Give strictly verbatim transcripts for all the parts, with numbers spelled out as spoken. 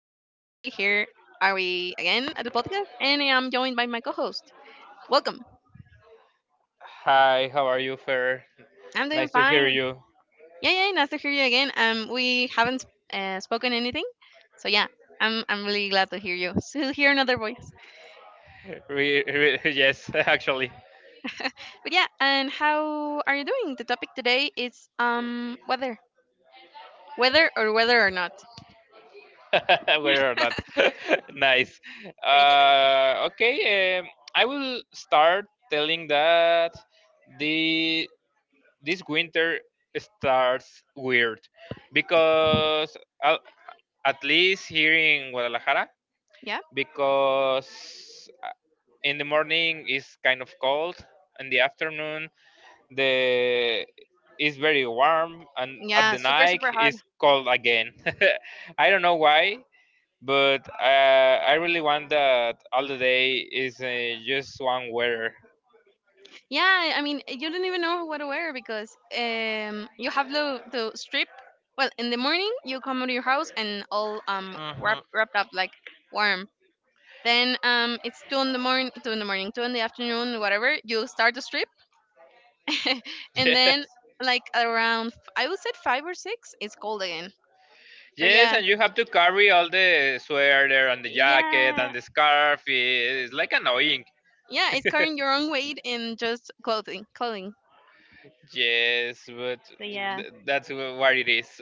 here are we again at the podcast, and I'm joined by my co host. Welcome. Hi, how are you, Fer? I'm doing Nice to hear fine. you. Yeah, yeah, nice to hear you again. Um, we haven't uh, spoken anything, so yeah, I'm, I'm really glad to hear you. So, hear another voice. Re- re- yes, actually, But yeah, and how are you doing? The topic today is um weather. Weather or weather or not. whether or not, nice. Thank you, thank you. Uh, okay, um, I will start telling that the this winter starts weird because uh, at least here in Guadalajara, Yeah? because uh, in the morning it's kind of cold, in the afternoon the is very warm and at Yeah, the super, night super hot. it's cold again. I don't know why but uh, I really want that all the day is uh, just one weather. Yeah, I mean, eh, you don't even know what to wear, because um, you have to, to strip. Well, in the morning you come to your house and all um wrap, wrapped up like warm. Then um, it's two in the morning, two in the morning, two in the afternoon, whatever. You start to strip, and then yes like around f- I would say five or six, it's cold again. So yes yeah, and you have to carry all the sweater and the jacket yeah, and the scarf, it's like annoying. yeah. It's carrying your own weight in just clothing, clothing. Yes, but So yeah. th- that's wh- what it is.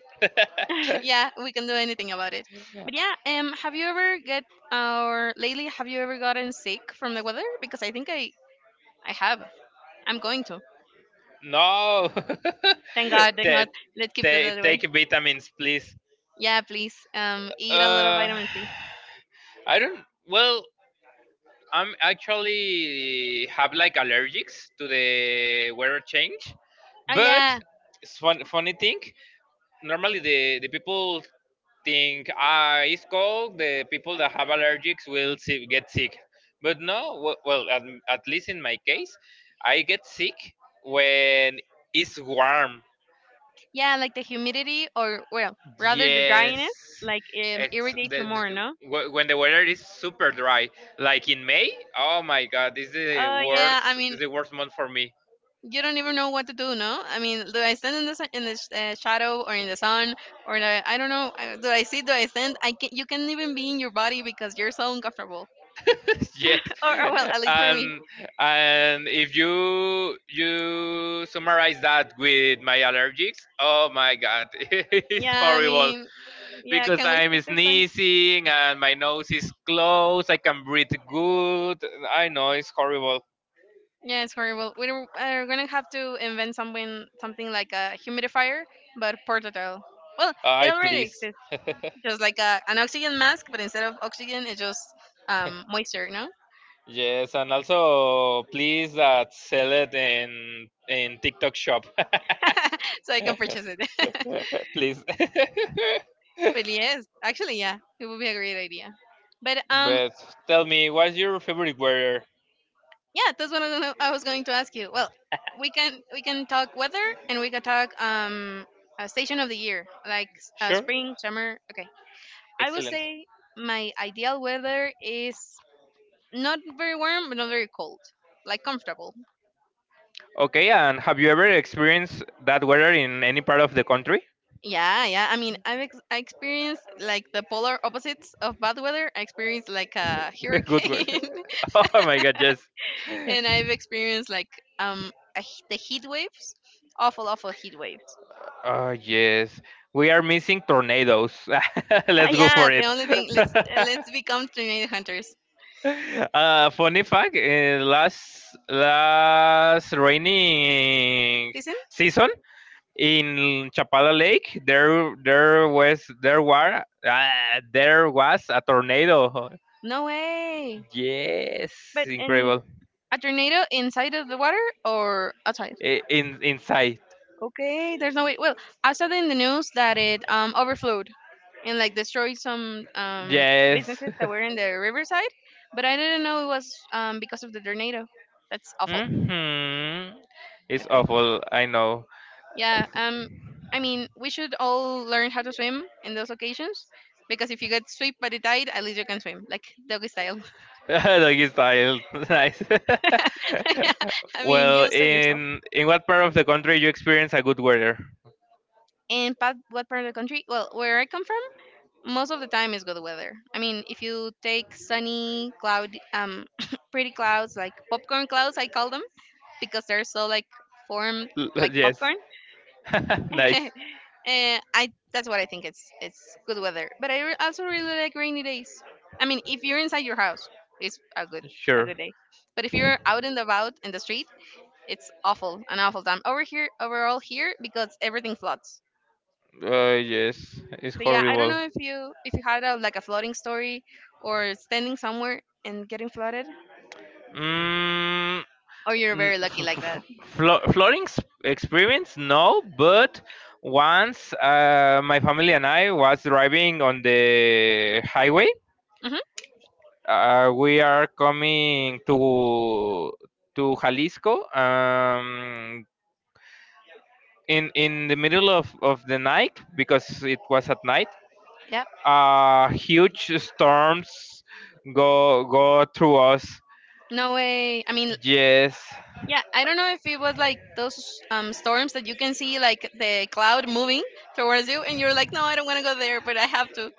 Yeah, we can do anything about it. But yeah, um, have you ever get or lately have you ever gotten sick from the weather? Because I think I I have. I'm going to. No. Thank God, thank Ta- God. Let's keep it ta- that way. Take vitamins, please. Yeah, please. Um, eat a lot of Uh, vitamin C. I don't. Well, I'm actually have like allergics to the weather change, Oh but yeah, it's fun, funny thing. Normally, the the people think, ah, it's cold. The people that have allergics will si- get sick, but no. w- Well, at, at least in my case, I get sick when it's warm. yeah, like the humidity, or, well, rather the Yes, dryness, like, um, ex- irritates the, you more, the- no? wh- when the weather is super dry, like in May. Oh my God, this is the Oh worst, yeah, I this mean, is the worst month for me. you don't even know what to do. No, I mean, do I stand in the sun, in the sh- uh, shadow, or in the sun? Or do I, I don't know, uh, do I sit, do I stand, I can you can't even be in your body because you're so uncomfortable. Yes, or, or, well, at least for me, and and if you you summarize that with my allergies, oh my God, it's yeah. I horrible mean, yeah, because can we I'm speak this time? sneezing and my nose is closed. I can breathe good. I know it's horrible. Yeah, it's horrible, we don't- are gonna have to invent something something like a humidifier, but portable. Well, it I already please. exists. Just like a, an oxygen mask, but instead of oxygen it's just, um, moisture, no? Yes, and also please, uh, sell it in in TikTok shop. So I can purchase it. Please. Well, yes, actually, yeah, it would be a great idea. But um, But tell me, what's your favorite weather? yeah, that's what I was gonna I was going to ask you. Well, we can we can talk weather, and we can talk um a station of the year, like, uh, Sure. spring, summer. Okay, I would Excellent. say my ideal weather is not very warm but not very cold, like comfortable. Okay, and have you ever experienced that weather in any part of the country? Yeah, yeah. I mean, I've ex- I experienced like the polar opposites of bad weather. I experienced like a Good hurricane, weather. Oh my god, yes. and I've experienced like um a, he- the heat waves, awful, awful heat waves. Oh yes. We are missing tornadoes. Ah, Let's go yeah, for the it. only thing, let's uh, let's become tornado hunters. Uh, funny fact: uh, last last rainy Listen, season in Chapala Lake, there there was there were uh, there was a tornado. no way. Yes, But, in incredible. a tornado inside of the water or outside? I- In inside, Okay, there's no way. Well, I saw in the news that it um overflowed and like destroyed some um yes. businesses that were in the riverside, but I didn't know it was um because of the tornado. That's awful. Hmm. It's Okay. awful. I know. Yeah, um, I mean, we should all learn how to swim in those occasions, because if you get swept by the tide, at least you can swim, like doggy style. Doggy style, nice. Yeah. I mean, Well, you save yourself. in in what part of the country you experience a good weather? And part, what part of the country? Well, where I come from, most of the time is good weather. I mean, if you take sunny, cloud, um, pretty clouds, like popcorn clouds, I call them, because they're so like formed L- like l- Yes. popcorn. Nice. and I That's what I think it's it's good weather. But I re- also really like rainy days. I mean, if you're inside your house, it's a good a Sure. good day. But if you're out and about in the street, it's awful, an awful time over here, overall here, because everything floods. Uh, yes. It's So yeah, I don't horrible. know if you if you had a, like a flooding story, or standing somewhere and getting flooded, Mm, or you're n- very f- lucky f- like that. f- flo- flooring s- experience? No, but once, uh, my family and I was driving on the highway. Hmm. Uh, we are coming to to Jalisco. Um, in in the middle of, of the night because it was at night, Yeah. uh, huge storms go go through us. No way. I mean, Yes. yeah, I don't know if it was like those, um, storms that you can see, like the cloud moving towards you, and you're like, no, I don't want to go there, but I have to.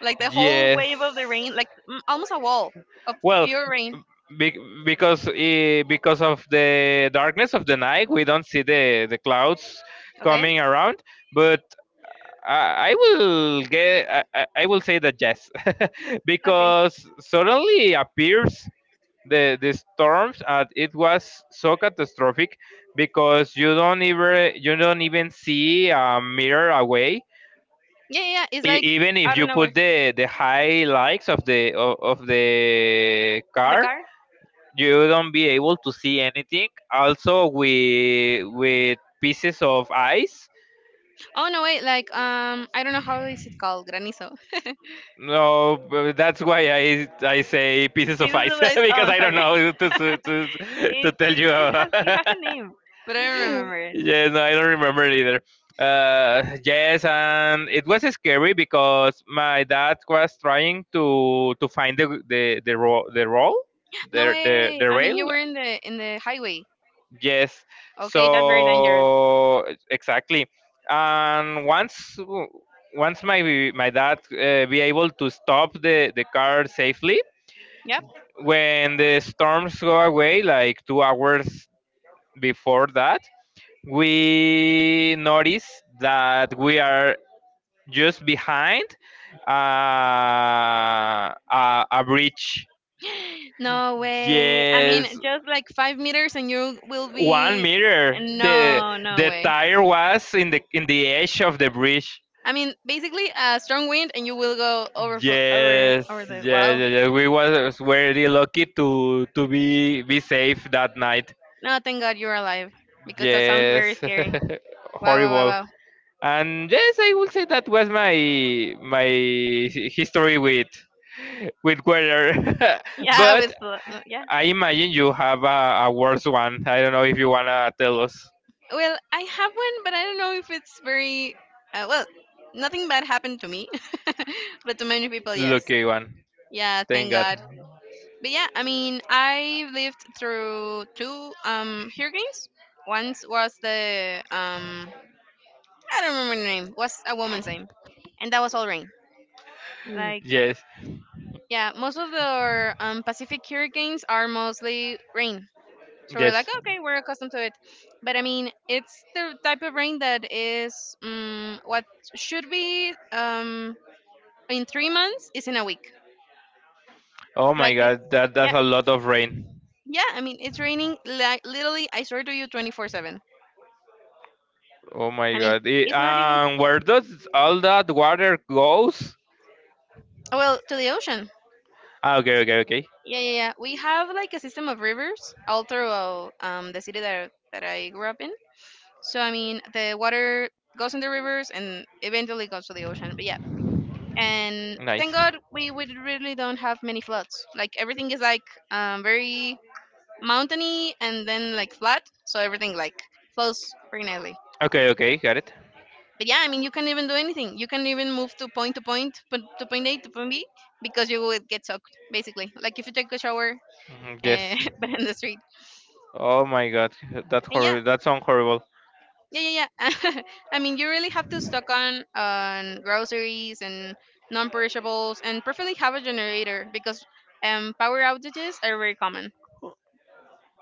Like the whole wave of the rain, yes like, mm, almost a wall of well, pure rain. be- because eh, because of the darkness of the night we don't see the the clouds Okay. coming around, but I I will get. I, I I will say that yes, Okay. because suddenly appears the the storms and it was so catastrophic because you don't even you don't even see a mirror away. Yeah, yeah, yeah, it's E- like Even if out of you put nowhere. the the high lights of the of, of the The car, car. you don't be able to see anything, also with with pieces of ice. Oh no, wait. Like, um, I don't know how is it called, granizo. No, but that's why I I say pieces of Pieces ice, of ice. because Oh, I don't sorry. know to to, to, to it, tell it you. it has it has a name, but I don't remember it. Yes, no, I don't remember it either. Uh, yes, and it was scary because my dad was trying to to find the the the ro- the roll, No the the way. the I mean, you rail. were in the in the highway. Yes, Okay, that's very dangerous. so exactly, and once, once my my dad, uh, be able to stop the the car safely, Yep. when the storms go away, like two hours before that we notice that we are just behind, uh, a, a bridge. No way. I mean, Yes, just like five meters, and you will one be. meter. The No, no The way. tire was in the in the edge of the bridge. I mean, basically a strong wind, and you will go over fo- over Yes, over yes, the. yes, Wow. yes. We was very lucky to to be be safe that night. No, thank God you're alive because that sounds very Yes, scary. Wow, wow, wow, horrible. wow. And yes, I will say that was my my hi- history with with weather. Yeah, But with fl- yeah. I imagine you have a, a worse one. I don't know if you wanna tell us. Well, I have one, but I don't know if it's very, uh, well. Nothing bad happened to me, but to many people, yes. Lucky one. Yeah, Thank thank God. God. But yeah, I mean, I lived through two um hurricanes. Once was the um I don't remember the name. Was a woman's name, and that was all rain. Like, Yes. yeah, most of the, um, Pacific hurricanes are mostly rain. So we're like, Yes. okay, we're accustomed to it. But I mean, it's the type of rain that is, um, what should be, um, in three months is in a week. Oh Like my it, God. That yeah, that's a lot of rain. yeah. I mean, it's raining, like, literally. I swear to you, twenty four seven. Oh my I mean, God. Eh, it's not even, um, where does all that water goes? well, to the ocean. Ah, okay, okay, okay. Yeah, yeah, yeah. We have like a system of rivers all throughout, um, the city that that I grew up in. So I mean, the water goes in the rivers and eventually goes to the ocean. But yeah, and thank Nice. God we, we really don't have many floods, like, everything is like, um, very mountainy, and then like flat, so everything like flows very nicely. Okay, okay, got it. But yeah, I mean, you can not even do anything. You can not even move to point to point po- to point A to point B, because you would get soaked, basically, like if you take a shower, Mhm. uh, Yes. but in the street. Oh my God, that's And yeah, horrible. That sounds horrible. yeah, yeah, yeah, I mean, you really have to stock on on groceries and non-perishables, and preferably have a generator, because, um, power outages are very common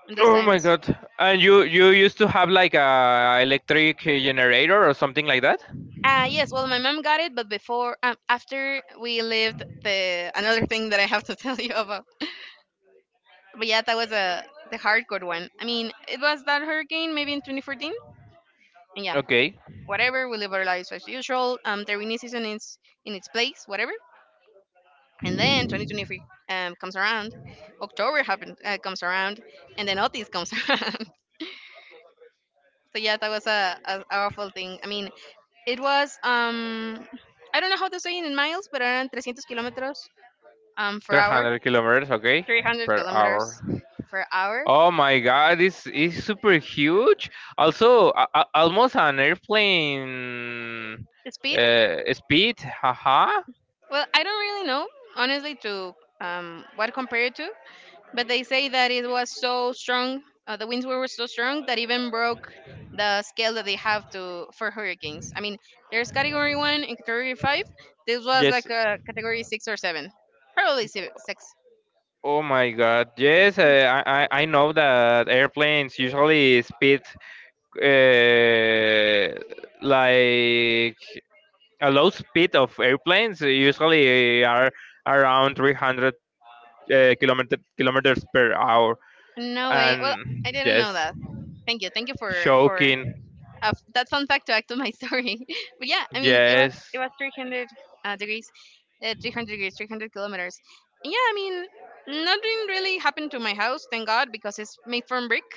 those Oh my times. god. And you you used to have like a electric generator or something like that? Uh, yes, well, my mom got it, but before, um, after we lived the another thing that I have to tell you about. But yeah, that was a the hardcore one. I mean, it was that hurricane maybe in twenty fourteen. And yeah, Okay. whatever, we live our lives as usual. Um, the rainy season is in its place, whatever. And then twenty twenty-three um, comes around, October happens, uh, comes around, and then Otis comes around. So yeah, that was a, a awful thing. I mean, it was um. I don't know how to say it in miles, but around three hundred kilometers, um, per hour, three hundred kilometers, okay, three hundred per hour. kilometers per hour Oh my god, this is super huge. Also, a, a- almost an airplane, speed. uh, speed. Haha. Well, I don't really know, honestly, to, um, what compare it to, but they say that it was so strong, uh, the winds were so strong that even broke the scale that they have to for hurricanes. I mean, there's category one and category five. This was Yes. like a category six or seven, probably si- six. Oh my god. Yes, Yeah. uh, I, I I know that airplanes usually speed, uh, like a low speed of airplanes usually are around three hundred, uh, kilometer, kilometers per hour. No way. Well, I And didn't know yes, that. Thank you. Thank you for for, shocking. Uh, that fun fact to add to my story. But yeah, I mean, it was it Yes. was three hundred, uh, degrees, uh, three hundred degrees, three hundred kilometers. And yeah, I mean, nothing really happened to my house, thank God, because it's made from brick.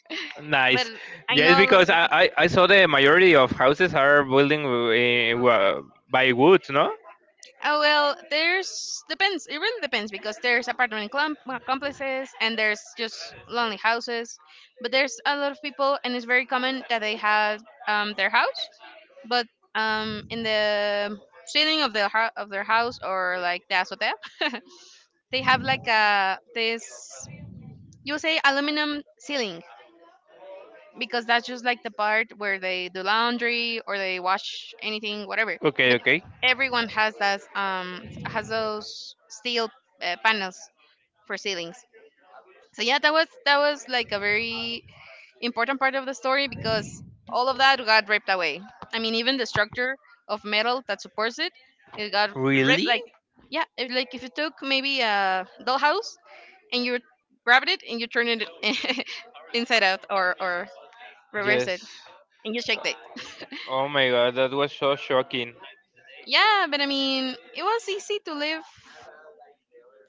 But Nice. I Yes, know a lot of because i people. i, I saw the majority of houses are building, uh, wa- by woods, no? Oh, well, there's depends. It really depends because there's apartment com- complexes, and there's just lonely houses. But there's a lot of people, and it's very common that they have, um, their house, but, um, in the ceiling of the hou- of their house, or like the azotea, they have like a this, you would say, aluminum ceiling, because that's just like the part where they do laundry or they wash anything, whatever. Okay, But okay. everyone has that um has those steel, uh, panels for ceilings. So yeah, that was that was like a very important part of the story because all of that got ripped away. I mean, even the structure of metal that supports it, it got ripped. Really? Like, yeah, if, like if you took maybe a dollhouse and you grabbed it and you turned it inside out or or reverse Yes. it, and you check the— Oh my god, that was so shocking. Yeah, but I mean it was easy to live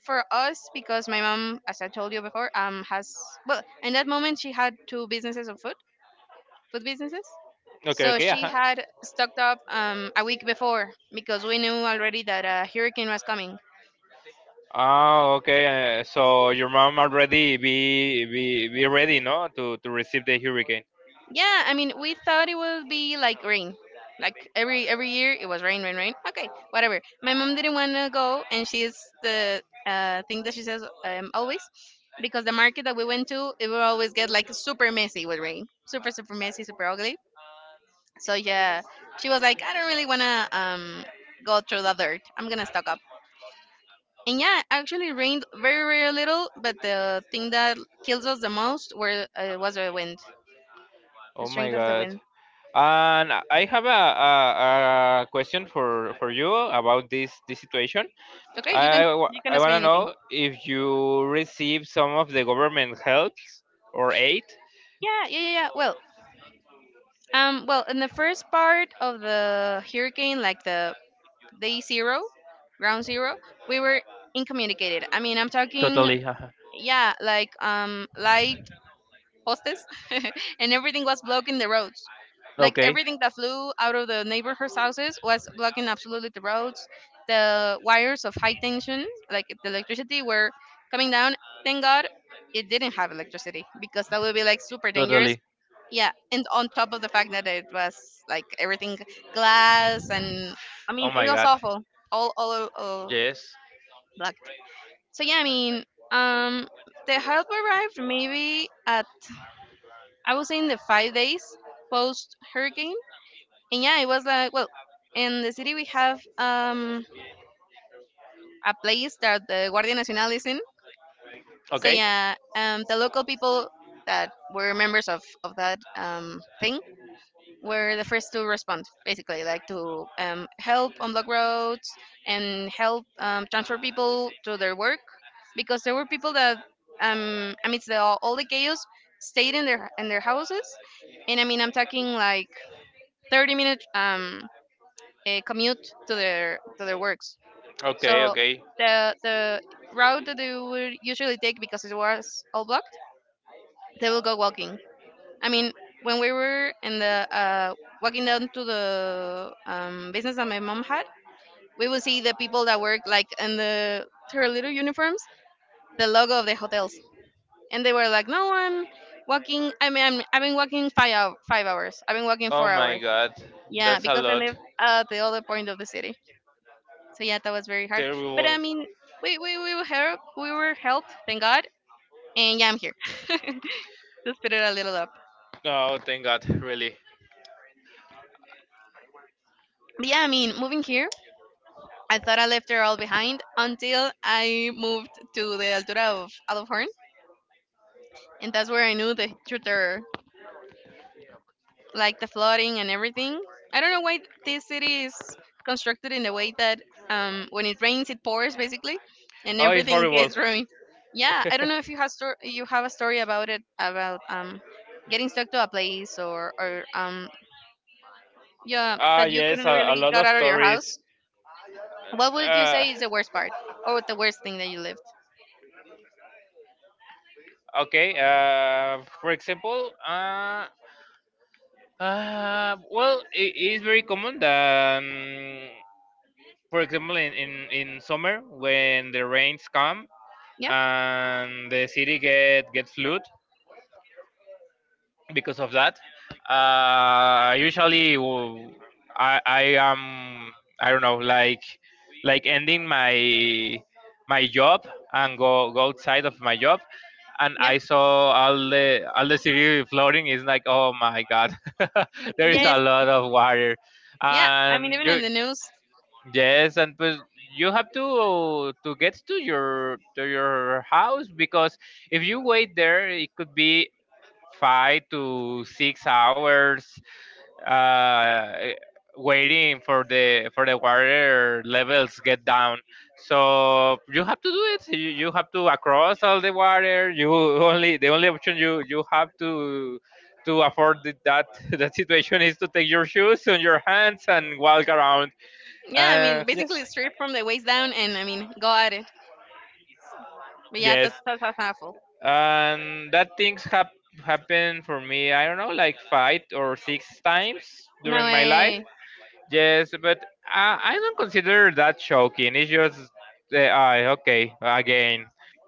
for us because my mom, as I told you before, um has, well, in that moment she had two businesses of food food businesses. Okay, So okay, she uh-huh. had stocked up, um, a week before, because we knew already that a hurricane was coming. Ah, okay. Uh, so your mom already be be be ready, no, to to receive the hurricane. Yeah, I mean, we thought it would be like rain. Like every every year, it was rain, rain, rain. Okay, whatever. My mom didn't want to go, and she's the, uh, thing that she says, um, always, because the market that we went to, it will always get like super messy with rain, super super messy, super ugly. So yeah, she was like, I don't really wanna um go through the dirt. I'm gonna stock up. And yeah, actually rained very very little, but the thing that kills us the most were uh, was the wind, the Oh my strength of the God. wind. And I have a, a, a question for, for you about this, this situation. Okay, you can I, wa- you can I ask want me to anything. know if you receive some of the government helps or aid. Yeah, yeah, yeah, yeah. Well, um, well, in the first part of the hurricane, like the day zero, ground zero, we were incommunicated. I mean, I'm talking, Totally. Haha. yeah, like, um, light postes, and everything was blocking the roads. Like Okay. everything that flew out of the neighborhood's houses was blocking absolutely the roads. The wires of high tension, like the electricity, were coming down. Thank God it didn't have electricity, because that would be like super dangerous. Totally. Yeah, and on top of the fact that it was like everything glass, and I Oh mean it my was God. awful, all, all, all, all Yes. black. So yeah, I mean, um, the help arrived maybe at— I was in the five days post hurricane, and yeah, it was like, well, in the city we have um a place that the Guardia Nacional is in. So Okay. yeah, um, the local people that were members of of that um thing were the first to respond, basically, like to um help unblock roads and help, um, transfer people to their work, because there were people that um amidst the, all, all the chaos stayed in their in their houses. And I mean, I'm talking like thirty minute um eh, commute to their to their works. Okay. So Okay. the the route that they would usually take, because it was all blocked, they will go walking. I mean, when we were in the, uh, walking down to the, um, business that my mom had, we would see the people that work like in the, her little uniforms, the logo of the hotels, and they were like, "No, I'm walking. I mean, I'm, I've been walking five hou- five hours. I've been walking four Oh my hours. God. Yeah, That's a because I live lot. at the other point of the city." So yeah, that was very hard. But I Terrible. mean, we we we were helped. We were helped. Thank God. And yeah, I'm here. Just put it a little up. Oh, thank God, really. But yeah, I mean, moving here, I thought I left it all behind until I moved to the Altura of Alofhorn, and that's where I knew the tutor, like the flooding and everything. I don't know why this city is constructed in the way that, um, when it rains, it pours, basically, and Oh, it's everything horrible. gets ruined. Yeah, I don't know if you have stor- you have a story about it, about um, getting stuck to a place, or or um, yeah, Ah, that you yes, couldn't a, a really lot get of out of your stories. house. What would you Uh, say is the worst part or the worst thing that you lived? okay, uh, for example, uh, uh, well, it is very common that, um, for example, in, in, in summer when the rains come Yep, and the city get get flood, because of that. Uh, usually, w- I I am, I don't know, like like ending my my job and go go outside of my job, and yep, I saw all the all the city floating. It's like, oh my god, there is a yes, lot of water, yeah. I mean, and even in you — the news. yes — and pues you have to to get to your to your house because if you wait there it could be five to six hours, uh, waiting for the for the water levels get down. So you have to do it. You, you have to across all the water. You only the only option you you have to to afford th- that that situation is to take your shoes on your hands and walk around. Yeah, I Uh, mean, basically yes, straight from the waist down, and I mean, go at it. But yeah, that's yes. that's, that's awful. And that things hap- happened for me, I don't know, like five or six times No during my life. way. Yes, but I, I don't consider that shocking. It's just the eye. Okay, again,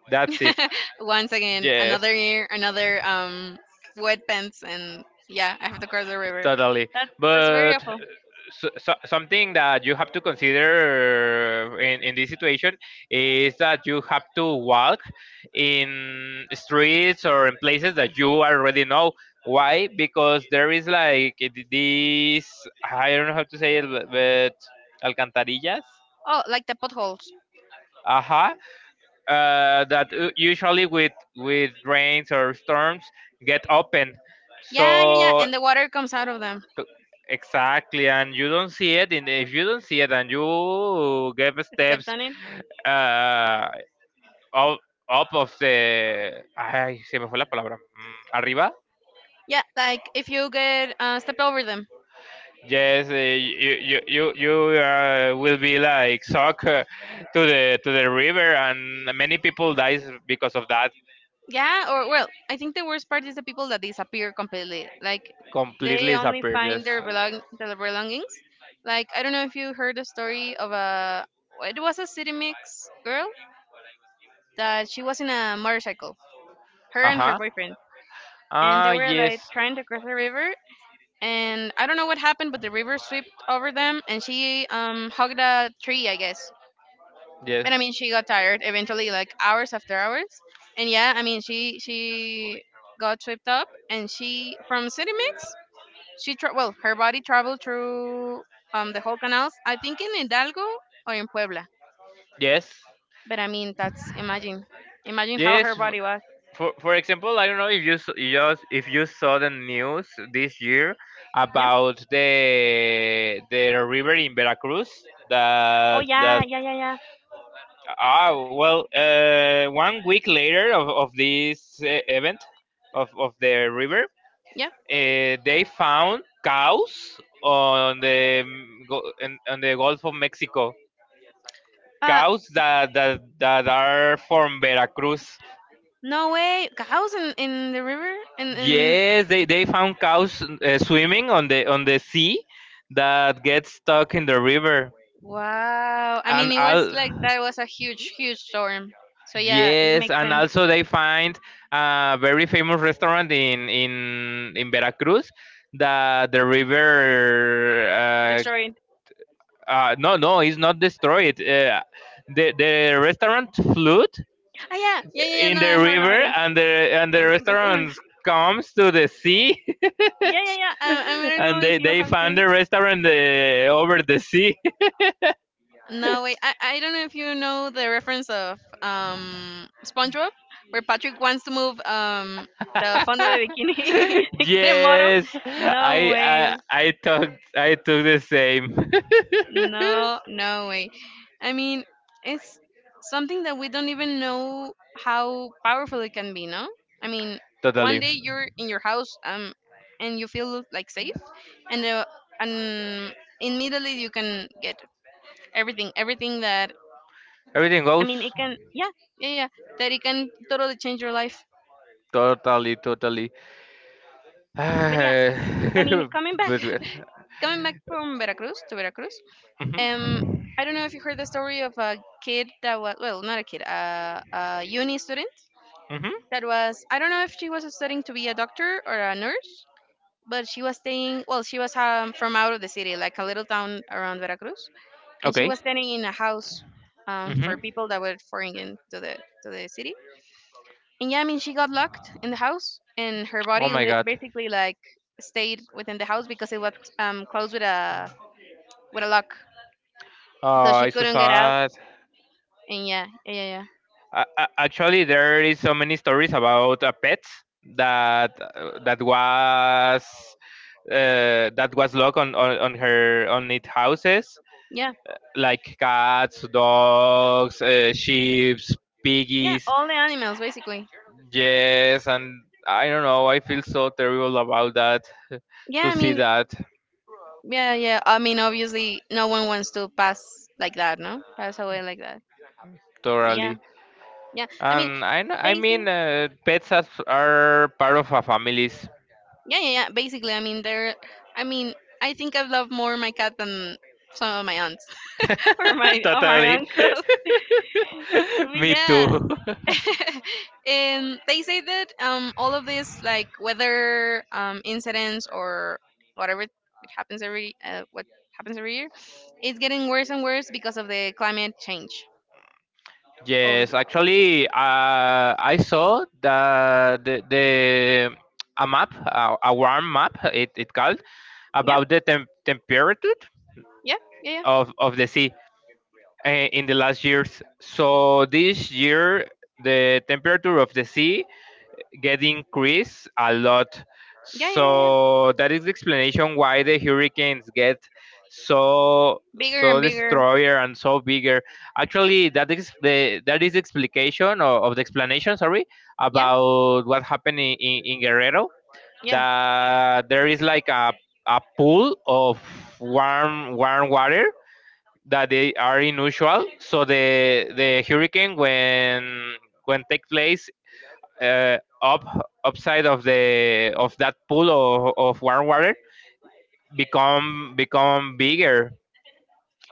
that's it. Once again, Yes, another year, another, um wet pants, and yeah, I have to cross the river. totally. That's that's very But awful. so, so, something that you have to consider in, in this situation is that you have to walk in streets or in places that you already know. Why? Because there is like this. I don't know how to say it, but but alcantarillas. Oh, like the potholes. Aha, uh, that u- usually with with rains or storms get open. Yeah, yeah, yeah. So And the water comes out of them. t- exactly, and you don't see it. And if you don't see it, and you give Stepped steps, on it. uh, up, up of the ay se me fue la palabra, mm, arriba. Yeah, like if you get, uh, stepped over them. Yes, uh, you you you, you, uh, will be like sucked, uh, to the to the river, and many people dies because of that. Yeah, or well, I think the worst part is the people that disappear completely. Like, Completely they only disappeared. find Yes. their, belong their belongings. Like, I don't know if you heard the story of a— it was a city mix girl that she was in a motorcycle, her Uh and her huh. boyfriend, and they Ah, were like yes, trying to cross the river. And I don't know what happened, but the river swept over them, and she um hugged a tree, I guess. But yes, I mean, she got tired eventually, like hours after hours. And yeah, I mean, she she got swept up, and she, from City Mix, she tra- well, her body traveled through um the whole canals. I think in Hidalgo or in Puebla. yes, But I mean, that's— imagine, imagine how her yes. f- body was. For for example, I don't know if you s- you just if you saw the news this year Yeah. about the the river in Veracruz Oh that yeah, that. yeah, yeah, yeah, Ah, well, uh, one week later of of this, uh, event of of the river, yeah. uh, they found cows on the, mm, go- in- on the Gulf of Mexico, Uh, cows that that, that are from Veracruz. no way, cows in in the river, in in Yes, they, they found cows, uh, swimming on the on the sea that get stuck in the river. wow. I And mean, it was like al- that was a huge, huge storm. So yeah, it yes, makes and sense. also they find a very famous restaurant in in in Veracruz that the river, uh, Destroyed. uh, no, no, it's not destroyed. Uh, the the restaurant flood Ah yeah, yeah, yeah, yeah. in No, the I heard river, about it. and the and the And restaurant comes to the sea. yeah, yeah, yeah. I, I don't know And if they, you they have found seen. the restaurant, uh, over the sea. No wait, I, I don't know if you know the reference of um SpongeBob, where Patrick wants to move um the fondo de bikini, bikini bottom. Yes. No I, I way. i took i took the same. No, no way. I mean, it's something that we don't even know how powerful it can be, no? I mean, one Totally. day you're in your house, um and you feel like safe, and uh, and immediately you can get— everything everything that— Everything I goes. mean, it can, yeah, yeah, yeah, that it can totally change your life. Totally, totally. But yeah, But I mean, coming back coming back from Veracruz to Veracruz. Um, hmm. I don't know if you heard the story of a kid that was, well, not a kid, a, a uni student Hmm. that was— I don't know if she was studying to be a doctor or a nurse, but she was staying. Well, she was, um, from out of the city, like a little town around Veracruz, and she Okay. was staying in a house, um, for Hmm. people that were foreign in to the to the city. And yeah, I mean, she got locked in the house, and her Oh body my li- god. basically, like, stayed within the house because it was, um, closed with a with a lock, so Oh, she it's so couldn't get out. sad. And yeah, yeah, yeah. A- a- actually, there is so many stories about, uh, pets that uh, that was uh, that was locked on, on, on her on its houses, Yeah. like cats, dogs, uh, sheep, Yeah, piggies. all the animals basically. Yes, and I don't know, I feel so terrible about that, Yeah, to I see mean, that. yeah, yeah. I mean, obviously, no one wants to pass like that, no? Pass away like that. Yeah, Totally. yeah. I mean, And I kn- I they say. mean, uh, pets as- are part of our families. Yeah, yeah, yeah. Basically, I mean, they're— I mean, I think I love more my cat than some of my aunts or my or my Totally. uncle. I mean, Me yeah. too. And they say that, um, all of this like weather, um, incidents or whatever, it happens every uh, what happens every year is getting worse and worse because of the climate change of— Yes, actually, uh, I saw the the, the a map, a, a warm map. It it called yeah, about the temp- temperature yeah, yeah, yeah, of of the sea, uh, in the last years. So this year, the temperature of the sea get increased a lot. yeah, yeah, yeah, yeah. So that is the explanation why the hurricanes get so Bigger so and bigger. destroyer and so bigger. Actually, that is the that is the explication or of the explanation. Sorry Yeah, about what happened in, in, in Guerrero. yeah. That there is like a a pool of warm warm water that they are unusual. So the the hurricane when when take place, uh, up upside of the of that pool of, of warm water, become become bigger.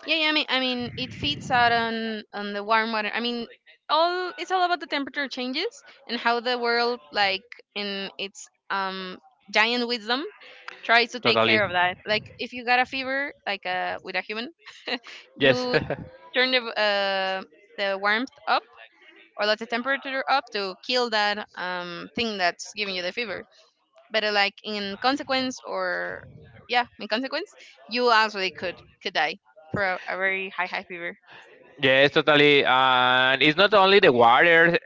Yeah, yeah. I mean, I mean, it feeds out on on the warm water. I mean, all it's all about the temperature changes and how the world, like in its um giant wisdom, tries to take Totally. care of that. Like if you got a fever, like, uh with a human, Yes. you turn the, uh the warmth up, or let the temperature up, to kill that um thing that's giving you the fever. But, uh, like in consequence, or yeah, in consequence, you also could could die for a, a very high high fever. Yes, totally. And it's not only the water,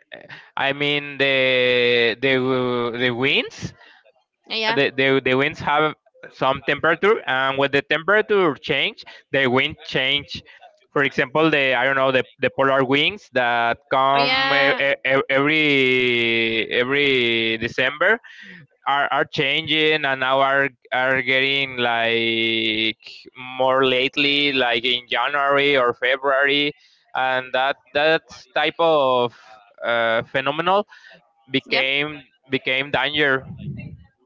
I mean the the the winds, Yeah, yeah. the the, the winds have some temperature, and when the temperature change, the wind change. For example, the, I don't know, the, the polar winds that Oh come e- yeah, e- e- every every december are are changing and now are are getting like more lately, like in january or february, and that that type of, uh, phenomenal, yep, became became danger.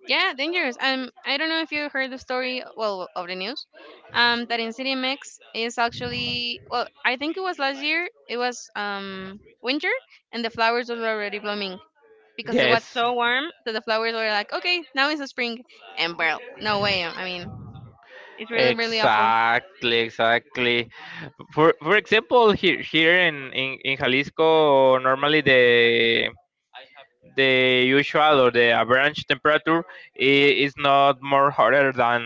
yeah, dangerous. Um, I don't know if you heard the story, well, of the news, um, that in C D M X is actually, well, I think it was last year. It was um winter, and the flowers were already blooming because it was Yes. so warm that the flowers were like, okay, now it's the spring. And, well, no way. I mean, it's really, really awful. Exactly, exactly. For for example, here here in, in, in Jalisco, normally the the usual or the average temperature i- is not more hotter than,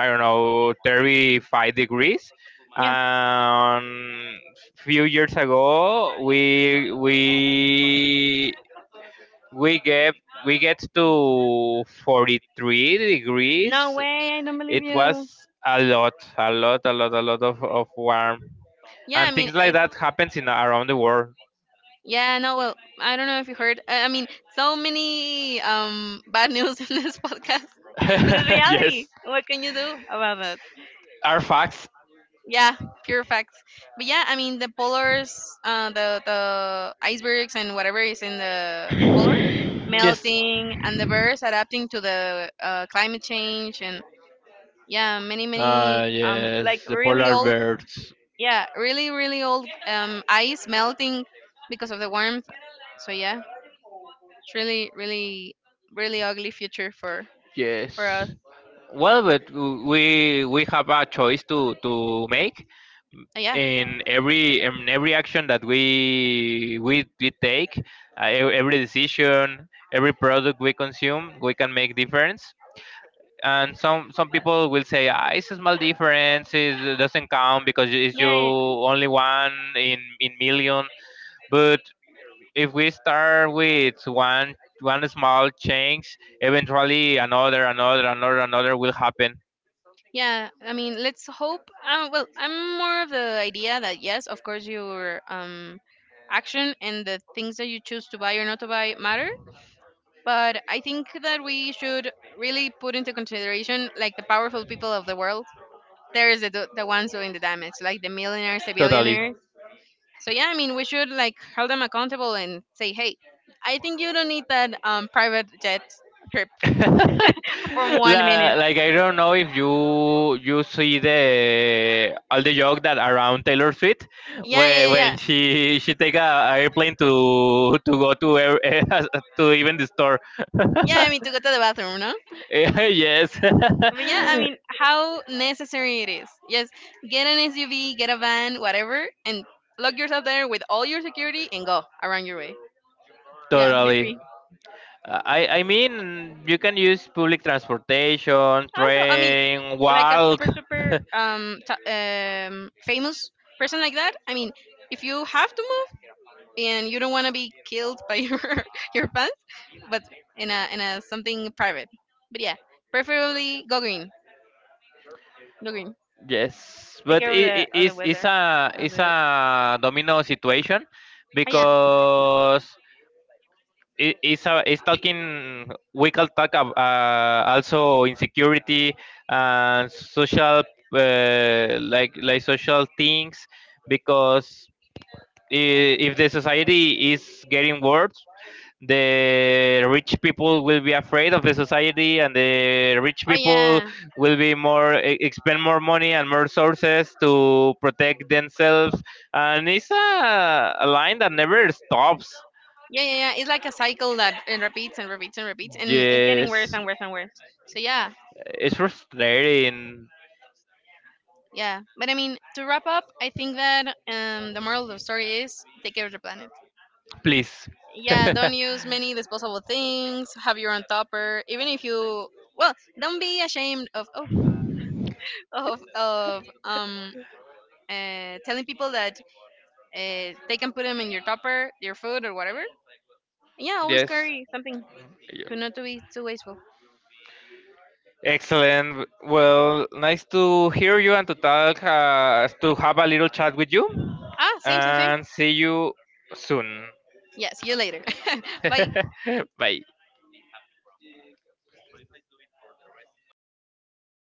I don't know, thirty-five degrees. Yeah. Um, few years ago, we we we get we get to forty-three No degrees. way, I don't believe It you. was a lot, a lot, a lot, a lot of, of warm, Yeah, I and mean, things like it, that happens in around the world. yeah, no, well, I don't know if you heard. I I mean, so many um bad news in this podcast, but it's reality. Yes, What can you do about that? are facts. Yeah, pure facts. But yeah, I mean, the polars, uh, the the icebergs and whatever is in the polar Yes. melting, and the birds adapting to the, uh, climate change. And yeah, many Ah, many, um like yes, the really polar old, bears. yeah, really really old um ice melting because of the warmth. So yeah, it's really, really, really ugly future for for us. Yes. Well, but w- we we have a choice to to make Uh, yeah. in every in every action that we we, we take, uh, e- every decision, every product we consume, we can make difference. And some some people will say, ah, it's a small difference, it doesn't count because it's you Yeah, yeah. only one in in million. But if we start with one one small change, eventually another, another, another, another will happen. Yeah, I mean, let's hope. Uh, well, I'm more of the idea that yes, of course, your um action and the things that you choose to buy or not to buy matter. But I think that we should really put into consideration like the powerful people of the world. There is the the ones doing the damage, like the millionaires, the Totally. billionaires. So yeah, I mean, we should like hold them accountable and say, hey, I think you don't need that um private jet trip for one La- minute. Like, I don't know if you you see the all the joke that around Taylor Swift Yeah, yeah, when yeah, yeah. when she she take a airplane to to go to ev- to even the store. Yeah, I mean, to go to the bathroom, no? Yes, But yeah, I mean, how necessary it is. Yes, get an S U V, get a van, whatever, and lock yourself there with all your security and go around your way. Yeah, be totally. free. Uh, I I mean you can use public transportation, Also, I mean, train, like a walk. super, super, um, t- um, famous person like that. I mean, if you have to move and you don't want to be killed by your your fans, but in a in a something private. But yeah, preferably go green. Go green. Yes, Take but care of it, it the of the is it's it's weather. a Of it's the— a domino situation oh yeah. because it, it's a, it's talking we can talk about, uh, also insecurity and social, uh, like like social things, because i- if the society is getting worse, the rich people will be afraid of the society, and the rich Oh people yeah. will be more, e- expend more money and more sources to protect themselves. And it's a, a line that never stops. Yeah, yeah, yeah. It's like a cycle that it repeats and repeats and repeats, and it's getting worse Yes, and worse and worse. So yeah. it's frustrating. Yeah. But I mean, to wrap up, I think that um the moral of the story is take care of the planet. Please. Yeah, don't use many disposable things, have your own topper, even if you— well, don't be ashamed of, oh of of um uh, telling people that, Uh, they can put them in your topper, your food, or whatever. Yeah, always Yes. carry something, Yeah. to not to be too wasteful. Excellent. Well, nice to hear you and to talk, uh, to have a little chat with you. Ah, same, same, same. And see you soon. Yeah, see you later. Bye. Bye.